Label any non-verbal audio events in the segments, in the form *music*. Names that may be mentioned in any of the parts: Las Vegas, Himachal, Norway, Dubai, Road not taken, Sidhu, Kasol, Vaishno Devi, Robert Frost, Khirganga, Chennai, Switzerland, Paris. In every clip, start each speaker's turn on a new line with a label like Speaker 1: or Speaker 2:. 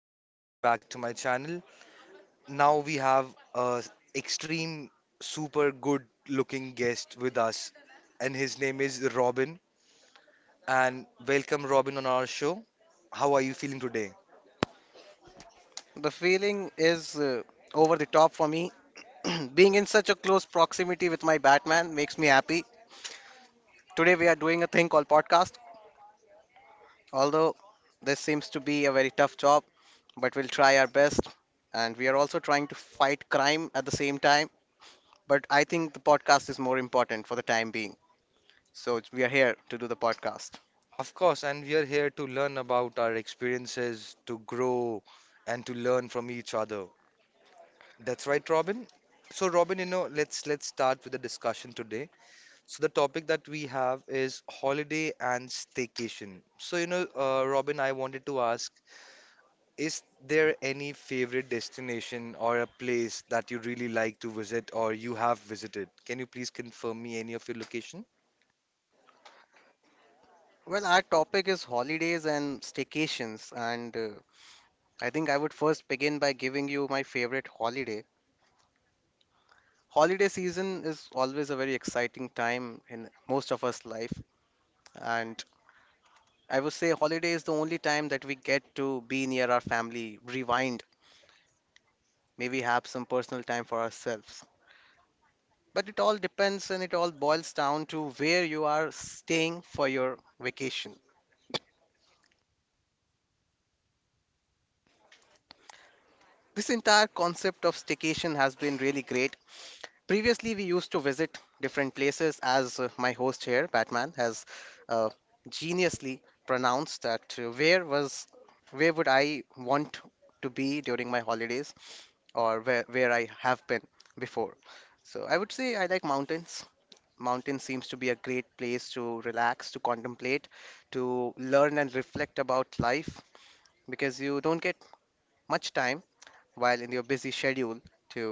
Speaker 1: you for being back to my channel. Now we have a extreme super good looking guest with us, and his name is Robin. And welcome, Robin, on our show. How are you feeling today?
Speaker 2: The feeling is over the top for me. *clears throat* Being in such a close proximity with my Batman makes me happy. Today we are doing a thing called podcast. Although this seems to be a very tough job, but we'll try our best. And we are also trying to fight crime at the same time. But I think the podcast is more important for the time being. We are here to do the podcast.
Speaker 1: Of course, and we are here to learn about our experiences, to grow, and to learn from each other. That's right, Robin. So, Robin, let's start with the discussion today. So the topic that we have is holiday and staycation. So Robin, I wanted to ask, is there any favorite destination or a place that you really like to visit or you have visited? Can you please confirm me any of your location?
Speaker 2: Well, our topic is holidays and staycations. And I think I would first begin by giving you my favorite holiday. Holiday season is always a very exciting time in most of us life, and I would say holiday is the only time that we get to be near our family, rewind, maybe have some personal time for ourselves. But it all depends, and it all boils down to where you are staying for your vacation. This entire concept of staycation has been really great. Previously, we used to visit different places, as my host here, Batman, has uh, geniusly pronounced that where would I want to be during my holidays, or where I have been before. So I would say I like mountains. Mountains seems to be a great place to relax, to contemplate, to learn and reflect about life, because you don't get much time while in your busy schedule to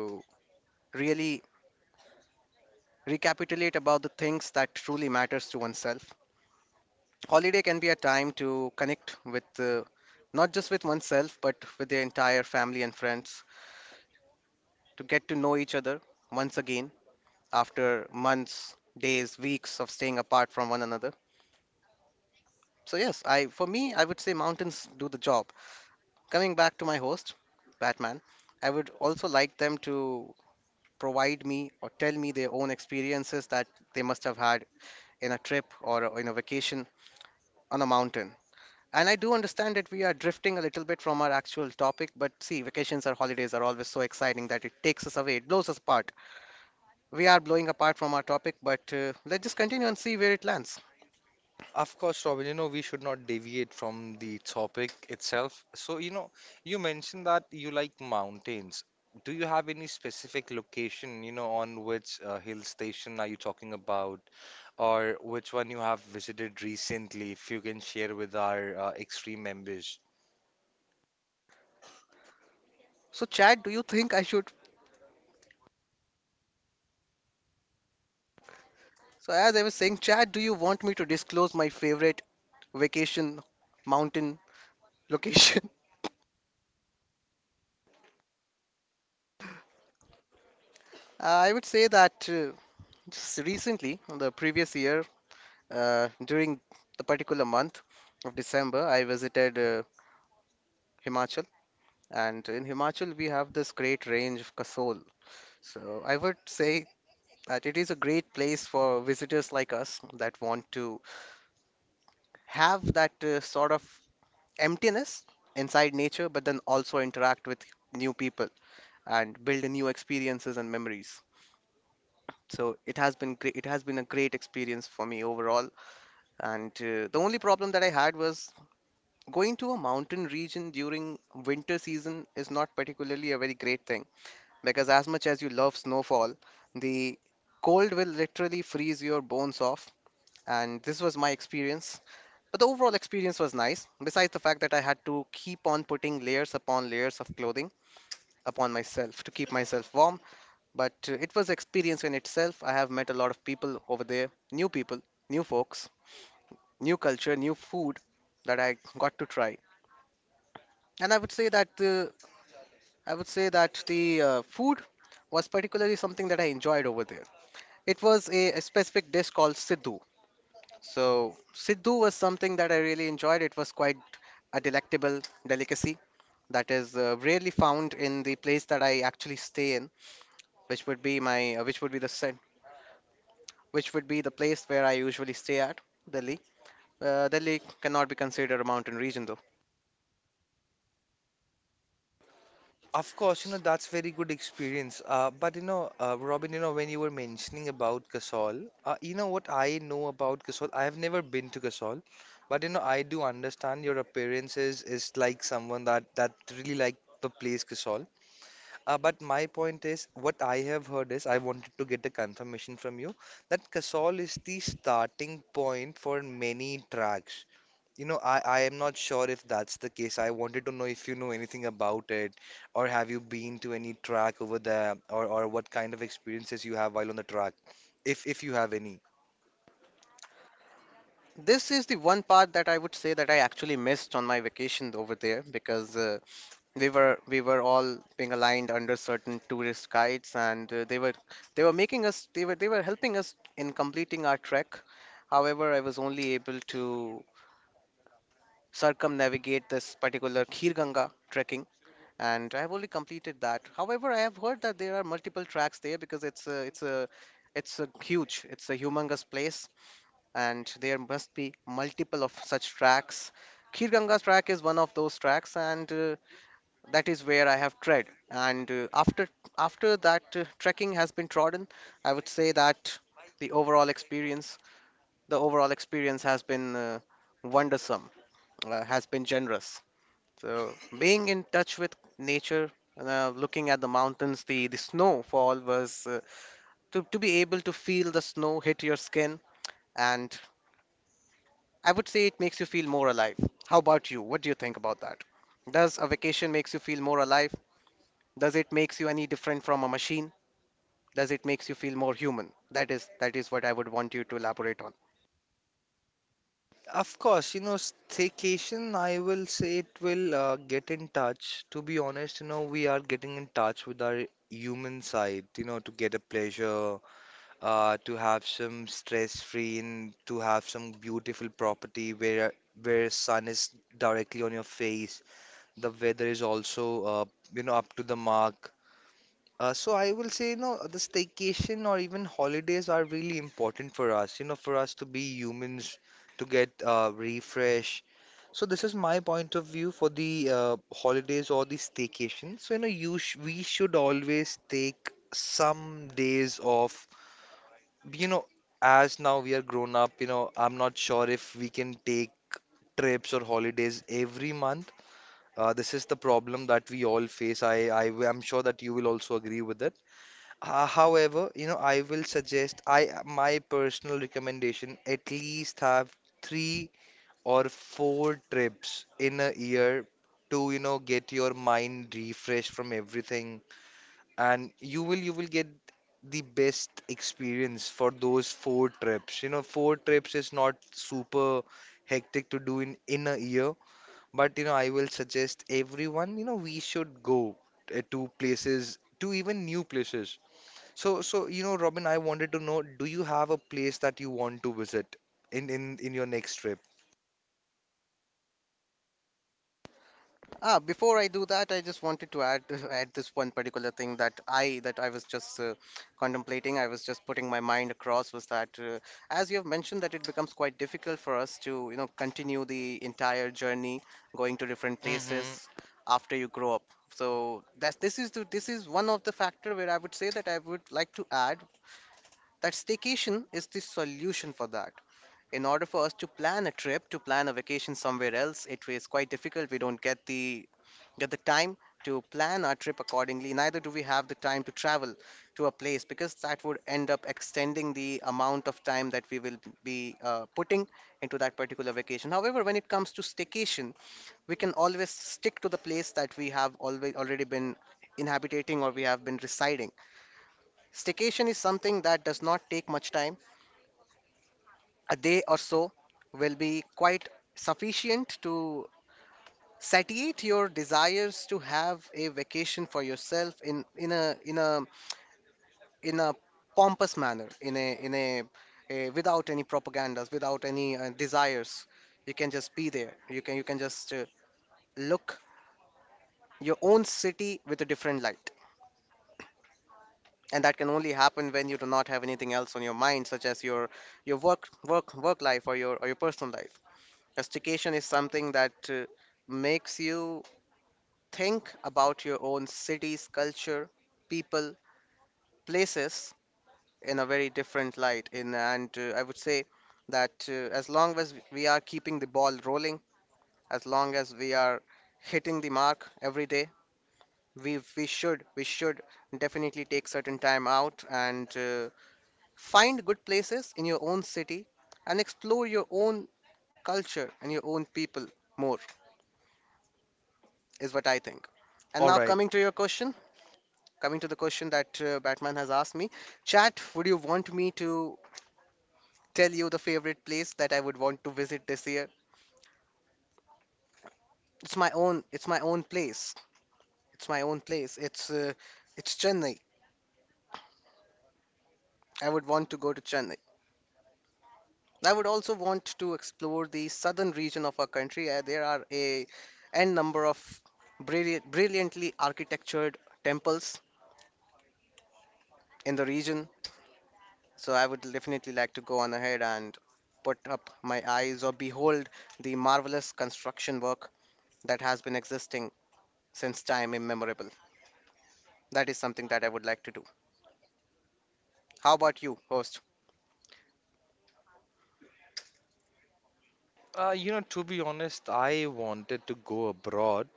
Speaker 2: really recapitulate about the things that truly matters to oneself. Holiday can be a time to connect with not just with oneself but with the entire family and friends, to get to know each other once again after months, days, weeks of staying apart from one another. So yes, I for me I would say mountains do the job. Coming back to my host, Batman, I would also like them to provide me or tell me their own experiences that they must have had in a trip or in a vacation on a mountain. And I do understand that we are drifting a little bit from our actual topic, but see, vacations or holidays are always so exciting that it takes us away, it blows us apart. We are blowing apart from our topic, but let's just continue and see where it lands.
Speaker 1: Of course, Robin, you know, we should not deviate from the topic itself. So, you know, you mentioned that you like mountains. Do you have any specific location, you know, on which hill station are you talking about? Or which one you have visited recently, if you can share with our extreme members.
Speaker 2: So, Chad, do you think I should? So, as I was saying, Chad, do you want me to disclose my favorite vacation mountain location? *laughs* I would say that just recently, the previous year, during the particular month of December, I visited Himachal. And in Himachal, we have this great range of Kasol. So I would say that it is a great place for visitors like us that want to have that sort of emptiness inside nature, but then also interact with new people and build new experiences and memories. So it has been great. It has been a great experience for me overall. And the only problem that I had was going to a mountain region during winter season is not particularly a very great thing, because as much as you love snowfall, the cold will literally freeze your bones off. And this was my experience. But the overall experience was nice, besides the fact that I had to keep on putting layers upon layers of clothing upon myself to keep myself warm. But it was experience in itself. I have met a lot of people over there, new people, new folks, new culture, new food that I got to try. And I would say that the food was particularly something that I enjoyed over there. It was a specific dish called Sidhu. So, Sidhu was something that I really enjoyed. It was quite a delectable delicacy that is rarely found in the place that I actually stay in, which would be which would be which would be the place where I usually stay at, Delhi. Delhi cannot be considered a mountain region though.
Speaker 1: Of course, you know, that's very good experience. But you know, Robin, you know, when you were mentioning about Kasol, you know what I know about Kasol? I have never been to Kasol, but you know, I do understand your appearances is like someone that really like the place Kasol. But my point is, what I have heard is, I wanted to get a confirmation from you that Kasol is the starting point for many tracks. I am not sure if that's the case. I wanted to know if you know anything about it, or have you been to any track over there, or what kind of experiences you have while on the track, if you have any.
Speaker 2: This is the one part that I would say that I actually missed on my vacation over there, because we were all being aligned under certain tourist guides, and they were helping us in completing our trek. However, I was only able to circumnavigate this particular Khirganga trekking, and I have only completed that. However, I have heard that there are multiple tracks there because it's a humongous place, and there must be multiple of such tracks. Khir Ganga track is one of those tracks, and that is where I have tread. And after that trekking has been trodden, I would say that the overall experience, the overall experience has been wondersome, has been generous. So being in touch with nature, looking at the mountains, the snowfall was to be able to feel the snow hit your skin, and I would say it makes you feel more alive. How about you? What do you think about that? Does a vacation makes you feel more alive? Does it makes you any different from a machine? Does it makes you feel more human? That is what I would want you to elaborate on.
Speaker 1: Of course, you know, staycation, I will say it will get in touch. To be honest, you know, we are getting in touch with our human side, you know, to get a pleasure, to have some stress-free and to have some beautiful property where sun is directly on your face. The weather is also, you know, up to the mark. So I will say, you know, the staycation or even holidays are really important for us, you know, for us to be humans, to get refresh. So this is my point of view for the holidays or the staycation. So, you know, you sh we should always take some days off. You know, as now we are grown up, you know, I'm not sure if we can take trips or holidays every month. This is the problem that we all face. I am sure that you will also agree with it. However, you know, I will suggest I my personal recommendation at least have three or four trips in a year to, you know, get your mind refreshed from everything, and you will get the best experience for those four trips. You know, four trips is not super hectic to do in a year, but you know, I will suggest everyone, you know, we should go to places, to even new places. So you know, Robin, I wanted to know, do you have a place that you want to visit in in your next trip?
Speaker 2: Ah, before I do that, I just wanted to add *laughs* add this one particular thing that I was just contemplating. I was just putting my mind across was that as you have mentioned that it becomes quite difficult for us to, you know, continue the entire journey going to different places
Speaker 1: Mm-hmm.
Speaker 2: after you grow up. So that's this is the, this is one of the factor where I would say that I would like to add that staycation is the solution for that. In order for us to plan a trip, to plan a vacation somewhere else, it is quite difficult. We don't get the time to plan our trip accordingly. Neither do we have the time to travel to a place, because that would end up extending the amount of time that we will be putting into that particular vacation. However, when it comes to staycation, we can always stick to the place that we have always already been inhabiting or we have been residing. Staycation is something that does not take much time. A day or so will be quite sufficient to satiate your desires to have a vacation for yourself, in a in a in a pompous manner, a without any propagandas, without any desires. You can just be there, you can just look your own city with a different light, and that can only happen when you do not have anything else on your mind such as your work life or your personal life. Rustication is something that makes you think about your own cities, culture, people, places in a very different light. In and I would say that as long as we are keeping the ball rolling, as long as we are hitting the mark every day, we should definitely take certain time out, and find good places in your own city and explore your own culture and your own people more. Is what I think. And
Speaker 1: All
Speaker 2: now
Speaker 1: right.
Speaker 2: coming to your question, coming to the question that Batman has asked me, chat, would you want me to tell you the favorite place that I would want to visit this year? It's my own place. It's my own place. It's Chennai. I would want to go to Chennai. I would also want to explore the southern region of our country. There are a n number of brilliant, brilliantly architectured temples in the region. So I would definitely like to go on ahead and put up my eyes or behold the marvelous construction work that has been existing since time immemorable. That is something that I would like to do. How about you, host?
Speaker 1: You know, to be honest, I wanted to go abroad.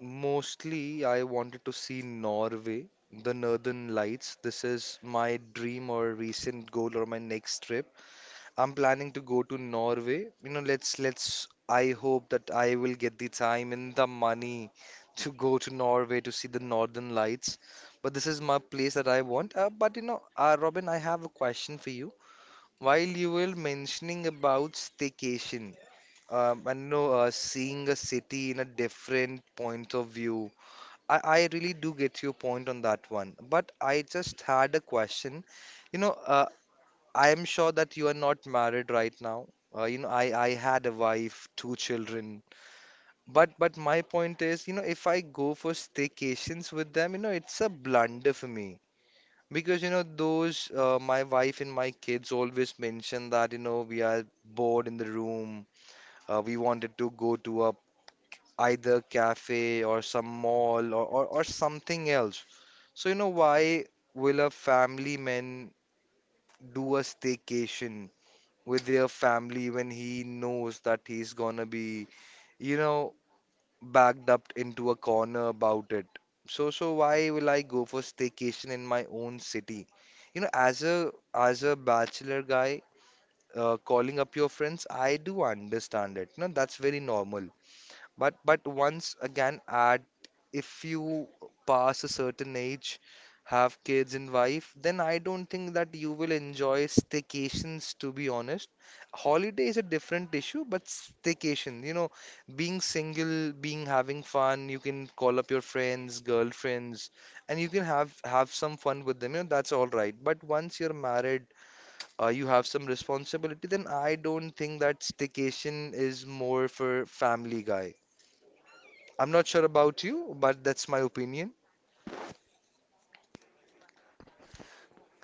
Speaker 1: Mostly, I wanted to see Norway, the Northern Lights. This is my dream or recent goal or my next trip. I'm planning to go to Norway. You know, let's, I hope that I will get the time and the money to go to Norway to see the Northern Lights. But this is my place that I want. But you know, Robin, I have a question for you. While you were mentioning about staycation, and you know, seeing a city in a different point of view, I really do get your point on that one. But I just had a question. You know, uh, I am sure that you are not married right now. You know, I had a wife, two children. But my point is, you know, if I go for staycations with them, you know, it's a blunder for me because you know those my wife and my kids always mention that you know we are bored in the room. We wanted to go to a either cafe or some mall, or something else. So you know why will a family man do a staycation with their family when he knows that he's gonna be, you know, backed up into a corner about it. So why will I go for staycation in my own city? You know, as a bachelor guy, calling up your friends, I do understand it. No, that's very normal. But once again, at if you pass a certain age, have kids and wife, then I don't think that you will enjoy staycations, to be honest. Holiday is a different issue, but staycation, you know, being single, being having fun, you can call up your friends, girlfriends, and you can have some fun with them, you know, that's all right. But once you're married, you have some responsibility, then I don't think that staycation is more for family guy. I'm not sure about you, but that's my opinion.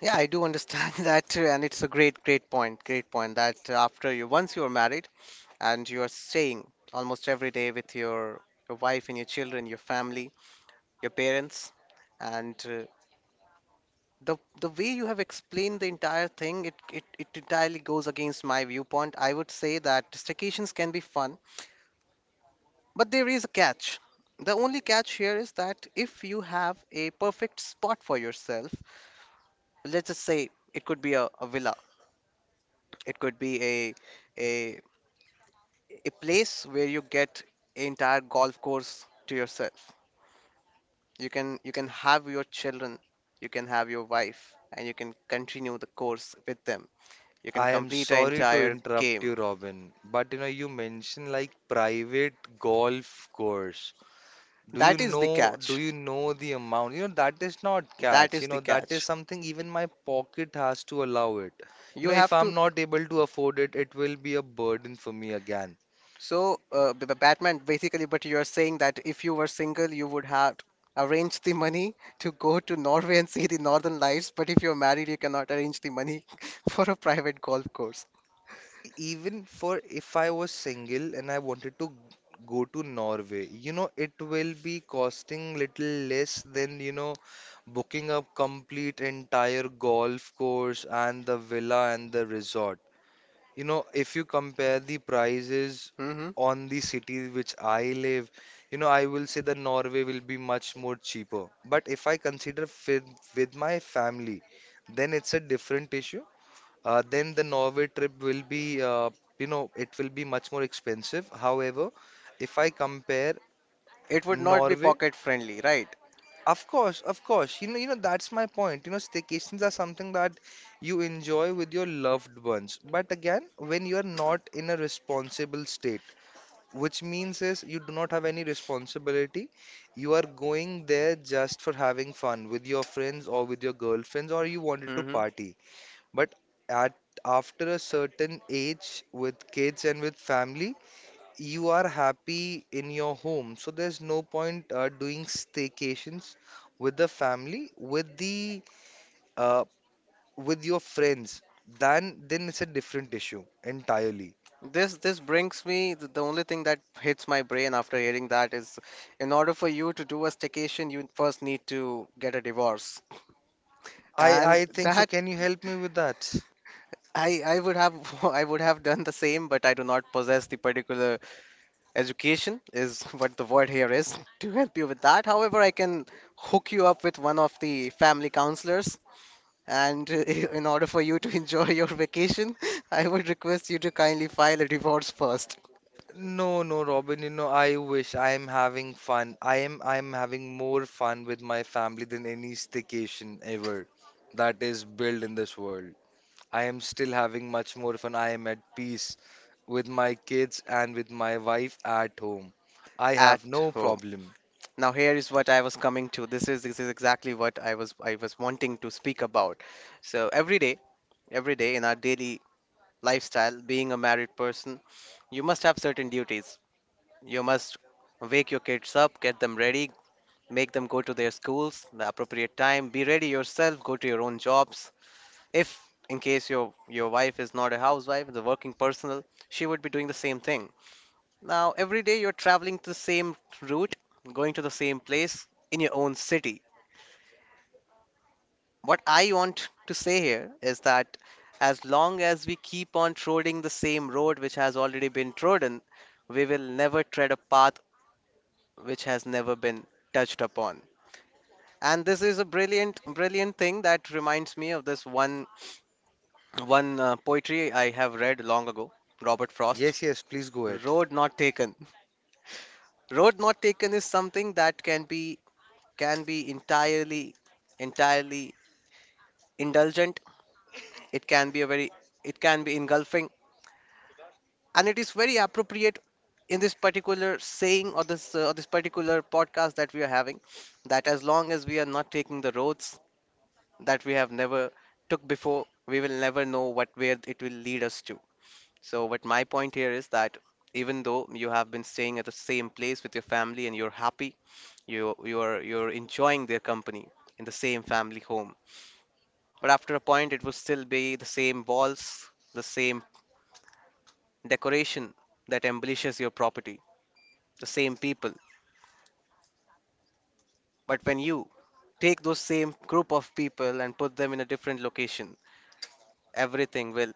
Speaker 2: Yeah, I do understand *laughs* that, and it's a great, great point. Great point that after you, once you are married and you are staying almost every day with your wife and your children, your family, your parents, and uh, the the way you have explained the entire thing, it entirely goes against my viewpoint. I would say that staycations can be fun, but there is a catch. The only catch here is that if you have a perfect spot for yourself, let's just say, it could be a villa, it could be a a place where you get an entire golf course to yourself. You can you can have your children, you can have your wife, and you can continue the course with them. You can
Speaker 1: I am
Speaker 2: complete an
Speaker 1: sorry to
Speaker 2: entire
Speaker 1: interrupt you,
Speaker 2: game.
Speaker 1: Robin, but you know you mentioned like private golf course. Do you
Speaker 2: That is the
Speaker 1: know do
Speaker 2: catch.
Speaker 1: you know the amount? You know that is not
Speaker 2: That
Speaker 1: catch.
Speaker 2: is
Speaker 1: You
Speaker 2: the
Speaker 1: know that is
Speaker 2: catch.
Speaker 1: something even my pocket has to allow it. You
Speaker 2: You
Speaker 1: know if
Speaker 2: have to.
Speaker 1: I'm not able to afford it, it will be a burden for me again.
Speaker 2: So, Batman, basically, but you are saying that if you were single, you would have arranged the money *laughs* to go to Norway and see the Northern Lights, but if you're married, you cannot arrange the money *laughs* for a private golf course.
Speaker 1: Even for if I was single and I wanted to go to Norway, you know, it will be costing little less than, you know, booking a complete entire golf course and the villa and the resort. You know, if you compare the prices
Speaker 2: Hmm.
Speaker 1: on the city which I live, you know, I will say that Norway will be much more cheaper. But if I consider with my family, then it's a different issue. Then the Norway trip will be, you know, it will be much more expensive. However, if I compare
Speaker 2: It would not be
Speaker 1: Norway,
Speaker 2: pocket friendly, right?
Speaker 1: of course, you know, that's my point. You know, staycations are something that you enjoy with your loved ones. But again, when you are not in a responsible state, which means is you do not have any responsibility, you are going there just for having fun with your friends or with your girlfriends, or you wanted to
Speaker 2: Hmm.
Speaker 1: party. But at after a certain age, with kids and with family, you are happy in your home. So there's no point doing staycations with the family, with the uh, with your friends. Then it's a different issue entirely.
Speaker 2: This brings me the only thing that hits my brain after hearing that is, in order for you to do a staycation, you first need to get a divorce,
Speaker 1: I
Speaker 2: and
Speaker 1: I think
Speaker 2: *laughs*
Speaker 1: so.
Speaker 2: that
Speaker 1: Can you help me with that?
Speaker 2: I would have *laughs* I would have done the same, but I do not possess the particular education is *laughs* what the word here is to help you with that. However, I can hook you up with one of the family counselors, and *laughs* in order for you to *laughs* enjoy your vacation, *laughs* I would request you to kindly file a divorce first
Speaker 1: No, no, Robin, you know, I wish. I am having fun. I am having more fun with my family than any staycation ever that is built in this world. I am still having much more fun. I am at peace with my kids and with my wife at home. I
Speaker 2: at
Speaker 1: have no
Speaker 2: home.
Speaker 1: problem.
Speaker 2: Now, here is what I was coming to. This is exactly what I was wanting to speak about. So every day in our daily lifestyle, being a married person, you must have certain duties. You must wake your kids up, get them ready, make them go to their schools, the appropriate time, be ready yourself, go to your own jobs. If in case your wife is not a housewife, the working personnel, she would be doing the same thing. Now, every day you're traveling the same route, going to the same place in your own city. What I want to say here is that as long as we keep on trolling the same road which has already been trodden, we will never tread a path which has never been touched upon. And this is a brilliant, brilliant thing that reminds me of this one, one poetry I have read long ago, Robert Frost.
Speaker 1: Yes, yes, please go ahead.
Speaker 2: Road not taken. Road not taken is something that can be entirely, entirely indulgent. It can be a very, it can be engulfing, and it is very appropriate in this particular saying or this particular podcast that we are having, that as long as we are not taking the roads that we have never took before, we will never know what where it will lead us to. So, what my point here is that even though you have been staying at the same place with your family and you're happy, you are you're enjoying their company in the same family home. But after a point, it will still be the same walls, the same decoration that embellishes your property, the same people. But when you take those same group of people and put them in a different location, everything will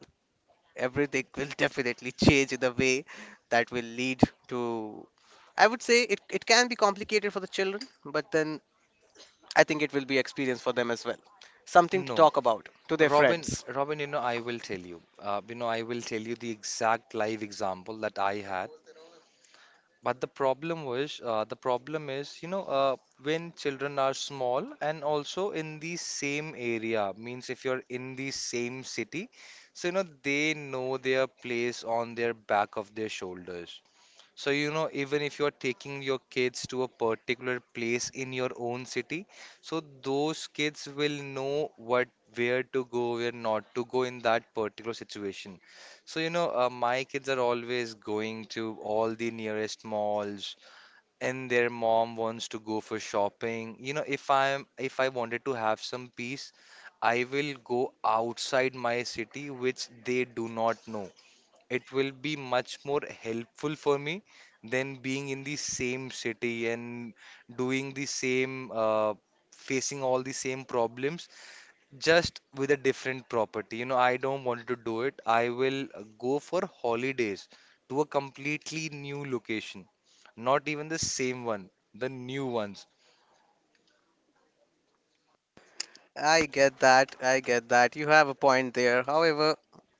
Speaker 2: everything will *laughs* definitely change in the way that will lead to. I would say it, it can be complicated for the children, but then I think it will be experience for them as well, something to
Speaker 1: No,
Speaker 2: talk about to their
Speaker 1: Robin,
Speaker 2: friends.
Speaker 1: Robin, you know, I will tell you. You know, I will tell you the exact live example that I had. But the problem was, the problem is, when children are small and also in the same area, means if you're in the same city, so you know they know their place on their back of their shoulders. So, you know, even if you're taking your kids to a particular place in your own city, so those kids will know what where to go, where not to go in that particular situation. So, you know, my kids are always going to all the nearest malls, and their mom wants to go for shopping. You know, if I wanted to have some peace, I will go outside my city, which they do not know. It will be much more helpful for me than being in the same city and doing the same facing all the same problems just with a different property. You know, I don't want to do it. I will go for holidays to a completely new location, not even the same one, the new ones.
Speaker 2: I get that you have a point there. However,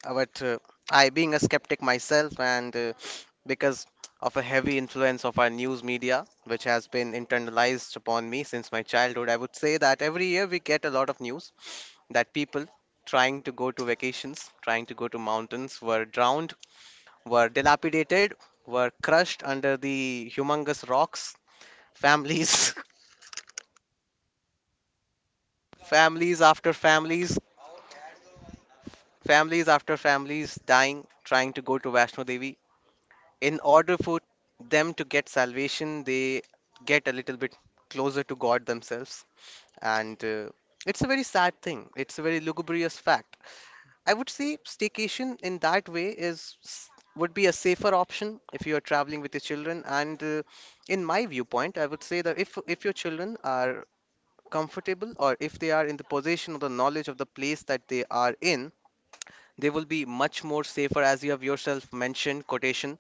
Speaker 2: but I, being a skeptic myself, and because of a heavy influence of our news media which has been internalized upon me since my childhood, I would say that every year we get a lot of news that people trying to go to vacations, trying to go to mountains, were drowned, were dilapidated, were crushed under the humongous rocks. Families, *laughs* families after families, families after families dying, trying to go to Vaishno Devi. In order for them to get salvation, they get a little bit closer to God themselves. And it's a very sad thing, it's a very lugubrious fact. I would say staycation in that way would be a safer option if you are traveling with your children. And in my viewpoint, I would say that if your children are comfortable, or if they are in the possession of the knowledge of the place that they are in, they will be much more safer, as you have yourself mentioned, quotation,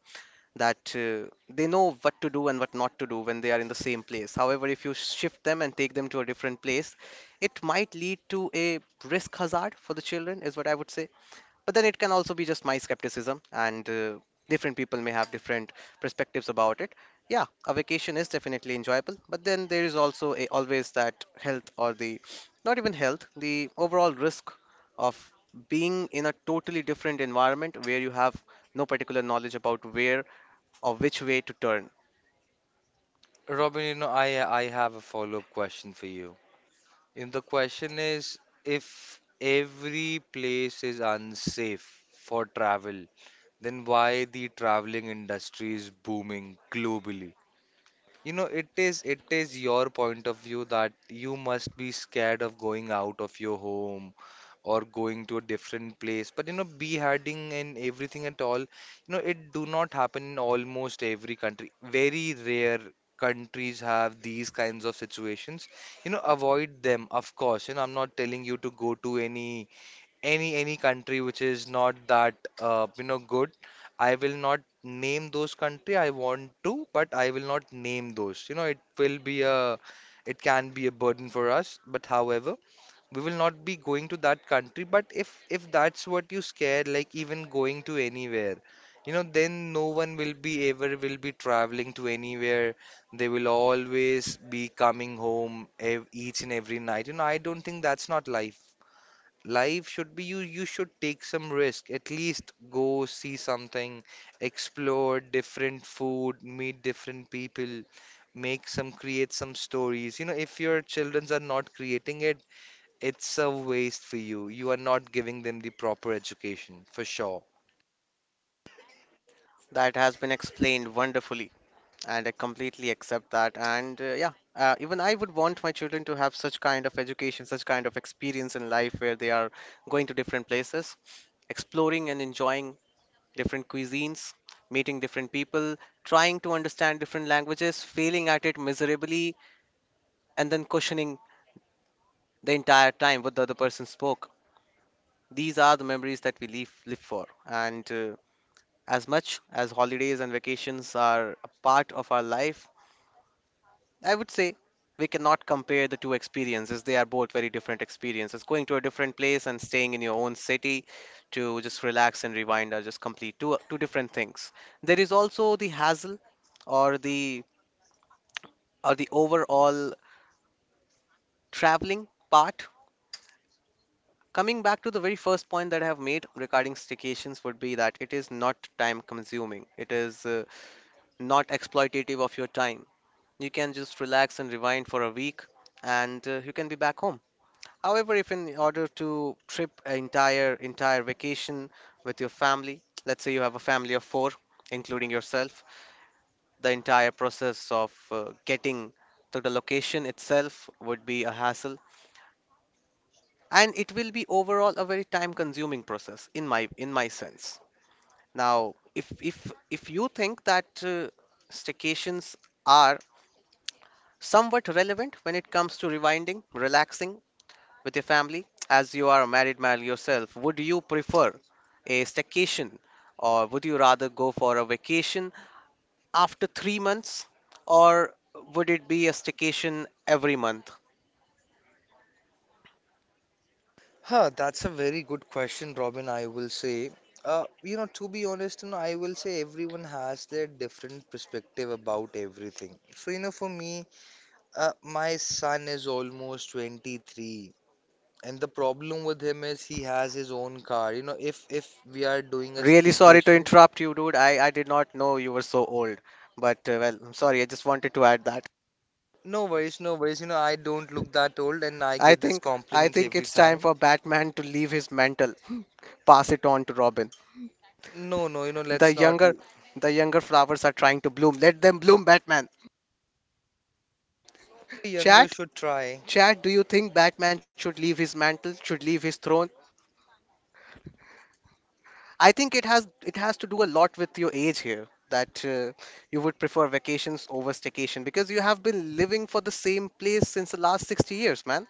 Speaker 2: that they know what to do and what not to do when they are in the same place. However, if you shift them and take them to a different place, it might lead to a risk hazard for the children, is what I would say. But then it can also be just my skepticism, and different people may have different perspectives about it. Yeah, a vacation is definitely enjoyable, but then there is also a, always that health, or the not even health, the overall risk of being in a totally different environment where you have no particular knowledge about where or which way to turn.
Speaker 1: Robin, you know, I have a follow up question for you. If the question is if every place is unsafe for travel, then why the traveling industry is booming globally? You know, it is your point of view that you must be scared of going out of your home or going to a different place. But beheading and everything at all, it do not happen in almost every country. Very rare countries have these kinds of situations. You know, avoid them, of course. You know, I'm not telling you to go to any country which is not that good. I will not name those country I want to, but I will not name those. It will be a, it can be a burden for us, but however we will not be going to that country. But if that's what you scare, like even going to anywhere, then no one will be ever will be traveling to anywhere. They will always be coming home each and every night. I don't think that's not life. Life should be, you should take some risk, at least go see something, explore different food, meet different people, make some create some stories. If your childrens are not creating it, it's a waste for you. You are not giving them the proper education for sure.
Speaker 2: That has been explained wonderfully. And I completely accept that. And yeah, even I would want my children to have such kind of education, such kind of experience in life where they are going to different places, exploring and enjoying different cuisines, meeting different people, trying to understand different languages, failing at it miserably, and then questioning the entire time what the other person spoke. These are the memories that we live, live for. And as much as holidays and vacations are a part of our life, I would say we cannot compare the two experiences. They are both very different experiences. Going to a different place and staying in your own city to just relax and rewind are just complete two different things. There is also the hassle, or the, or the overall traveling part. Coming back to the very first point that I have made regarding staycations would be that it is not time consuming. It is not exploitative of your time. You can just relax and rewind for a week, and you can be back home. However, if in order to trip an entire vacation with your family, let's say you have a family of four, including yourself, the entire process of getting to the location itself would be a hassle, and it will be overall a very time-consuming process in my sense. Now, if you think that staycations are somewhat relevant when it comes to rewinding, relaxing, with your family? As you are a married man yourself, would you prefer a staycation, or would you rather go for a vacation after 3 months, or would it be a staycation every month?
Speaker 1: Huh, that's a very good question, Robin. I will say, to be honest, I will say everyone has their different perspective about everything. So, for me, my son is almost 23, and the problem with him is he has his own car. You know, if we are doing a
Speaker 2: Really sorry to
Speaker 1: staycation,
Speaker 2: interrupt you, dude. I did not know you were so old. But well, I'm sorry. I just wanted to add that.
Speaker 1: no worries, no worries. You know, I don't look that old, and I
Speaker 2: I
Speaker 1: get this
Speaker 2: think I
Speaker 1: compliment
Speaker 2: think
Speaker 1: every
Speaker 2: it's time
Speaker 1: time.
Speaker 2: for Batman to leave his mantle, *laughs* pass it on to Robin.
Speaker 1: No, no, you know,
Speaker 2: The
Speaker 1: let's not.
Speaker 2: younger the younger flowers are trying to bloom. Let them bloom, Batman.
Speaker 1: Younger
Speaker 2: Chat,
Speaker 1: should try.
Speaker 2: Chad, do you think Batman should leave his mantle, should leave his throne? I think it has to do a lot with your age here, that you would prefer vacations over staycation because you have been living for the same place since the last 60 years, man.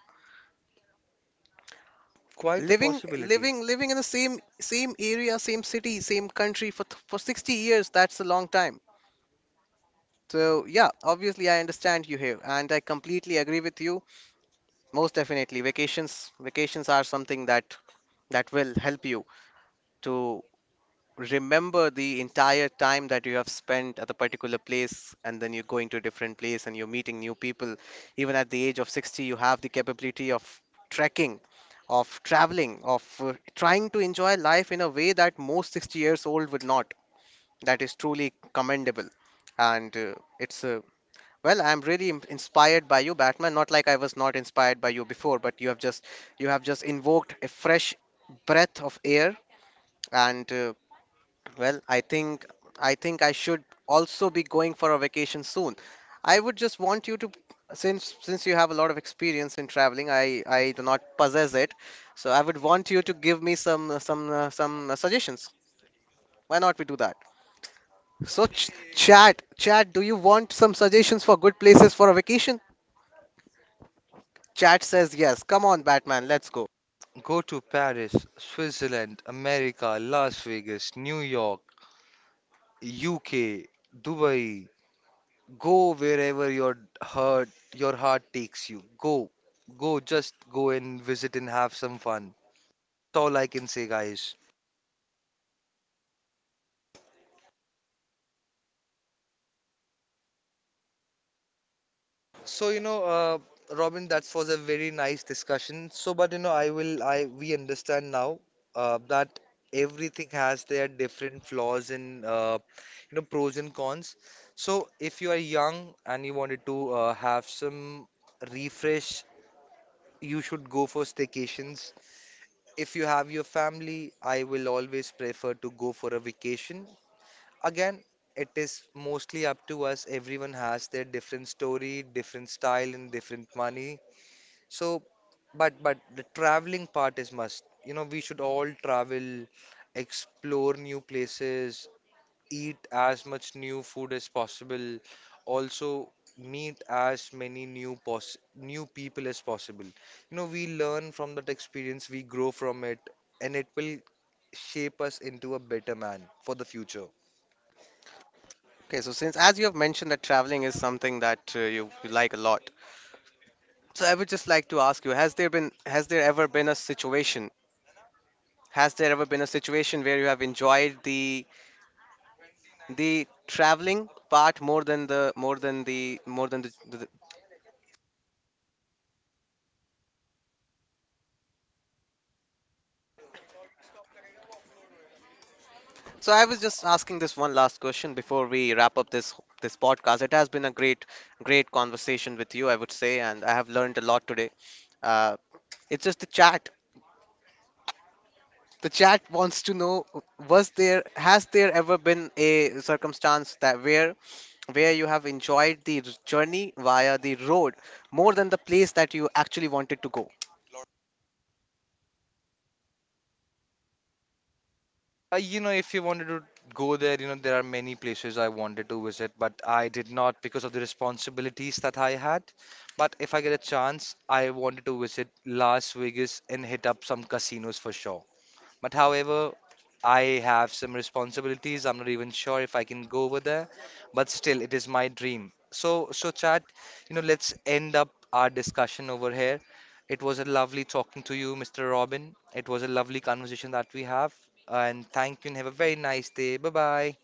Speaker 1: Quite a
Speaker 2: Living
Speaker 1: possibility.
Speaker 2: living living in the same area, same city, same country for 60 years, that's a long time. So yeah, obviously I understand you here and I completely agree with you. Most definitely, vacations are something that that will help you to remember the entire time that you have spent at a particular place, and then you're going to a different place and you're meeting new people. Even at the age of 60, you have the capability of trekking, of traveling, of trying to enjoy life in a way that most 60 years old would not. That is truly commendable. And it's well, I'm really inspired by you, Batman. Not like I was not inspired by you before, but you have just invoked a fresh breath of air. And well, I think I think I should also be going for a vacation soon. I would just want you to, since you have a lot of experience in traveling, I do not possess it, so I would want you to give me some suggestions. Why not we do that? So ch chat chat, do you want some suggestions for good places for a vacation? Chat says yes. Come on, Batman, let's go.
Speaker 1: Go to Paris, Switzerland, America, Las Vegas, New York, UK, Dubai. Go wherever heart your heart takes you. Go. Go, just go and visit and have some fun. That's all I can say, guys. So Robin, that was a very nice discussion. So, but you know, I will, I we understand now that everything has their different flaws, and pros and cons. So, if you are young and you wanted to have some refresh, you should go for staycations. If you have your family, I will always prefer to go for a vacation. Again, it is mostly up to us. Everyone has their different story, different style, and different money. So, but the traveling part is must. You know, we should all travel, explore new places, eat as much new food as possible. Also, meet as many new pos new people as possible. You know, we learn from that experience, we grow from it, and it will shape us into a better man for the future.
Speaker 2: Okay, so since as you have mentioned that traveling is something that you, you like a lot, so I would just like to ask you, has there been has there ever been a situation. Has there ever been a situation where you have enjoyed the traveling part more than the more than the more than the- So I was just asking this one last question before we wrap up this this podcast. It has been a great great conversation with you, I would say, and I have learned a lot today. Uh, it's just the chat. The chat wants to know, was there has there ever been a circumstance that where you have enjoyed the journey via the road more than the place that you actually wanted to go
Speaker 1: If you wanted to go there, you know, there are many places I wanted to visit, but I did not because of the responsibilities that I had. But if I get a chance, I wanted to visit Las Vegas and hit up some casinos for sure. But however, I have some responsibilities. I'm not even sure if I can go over there, but still, it is my dream. So, so chat, you know, let's end up our discussion over here. It was a lovely talking to you, Mr. Robin. It was a lovely conversation that we have. And thank you and have a very nice day. Bye bye.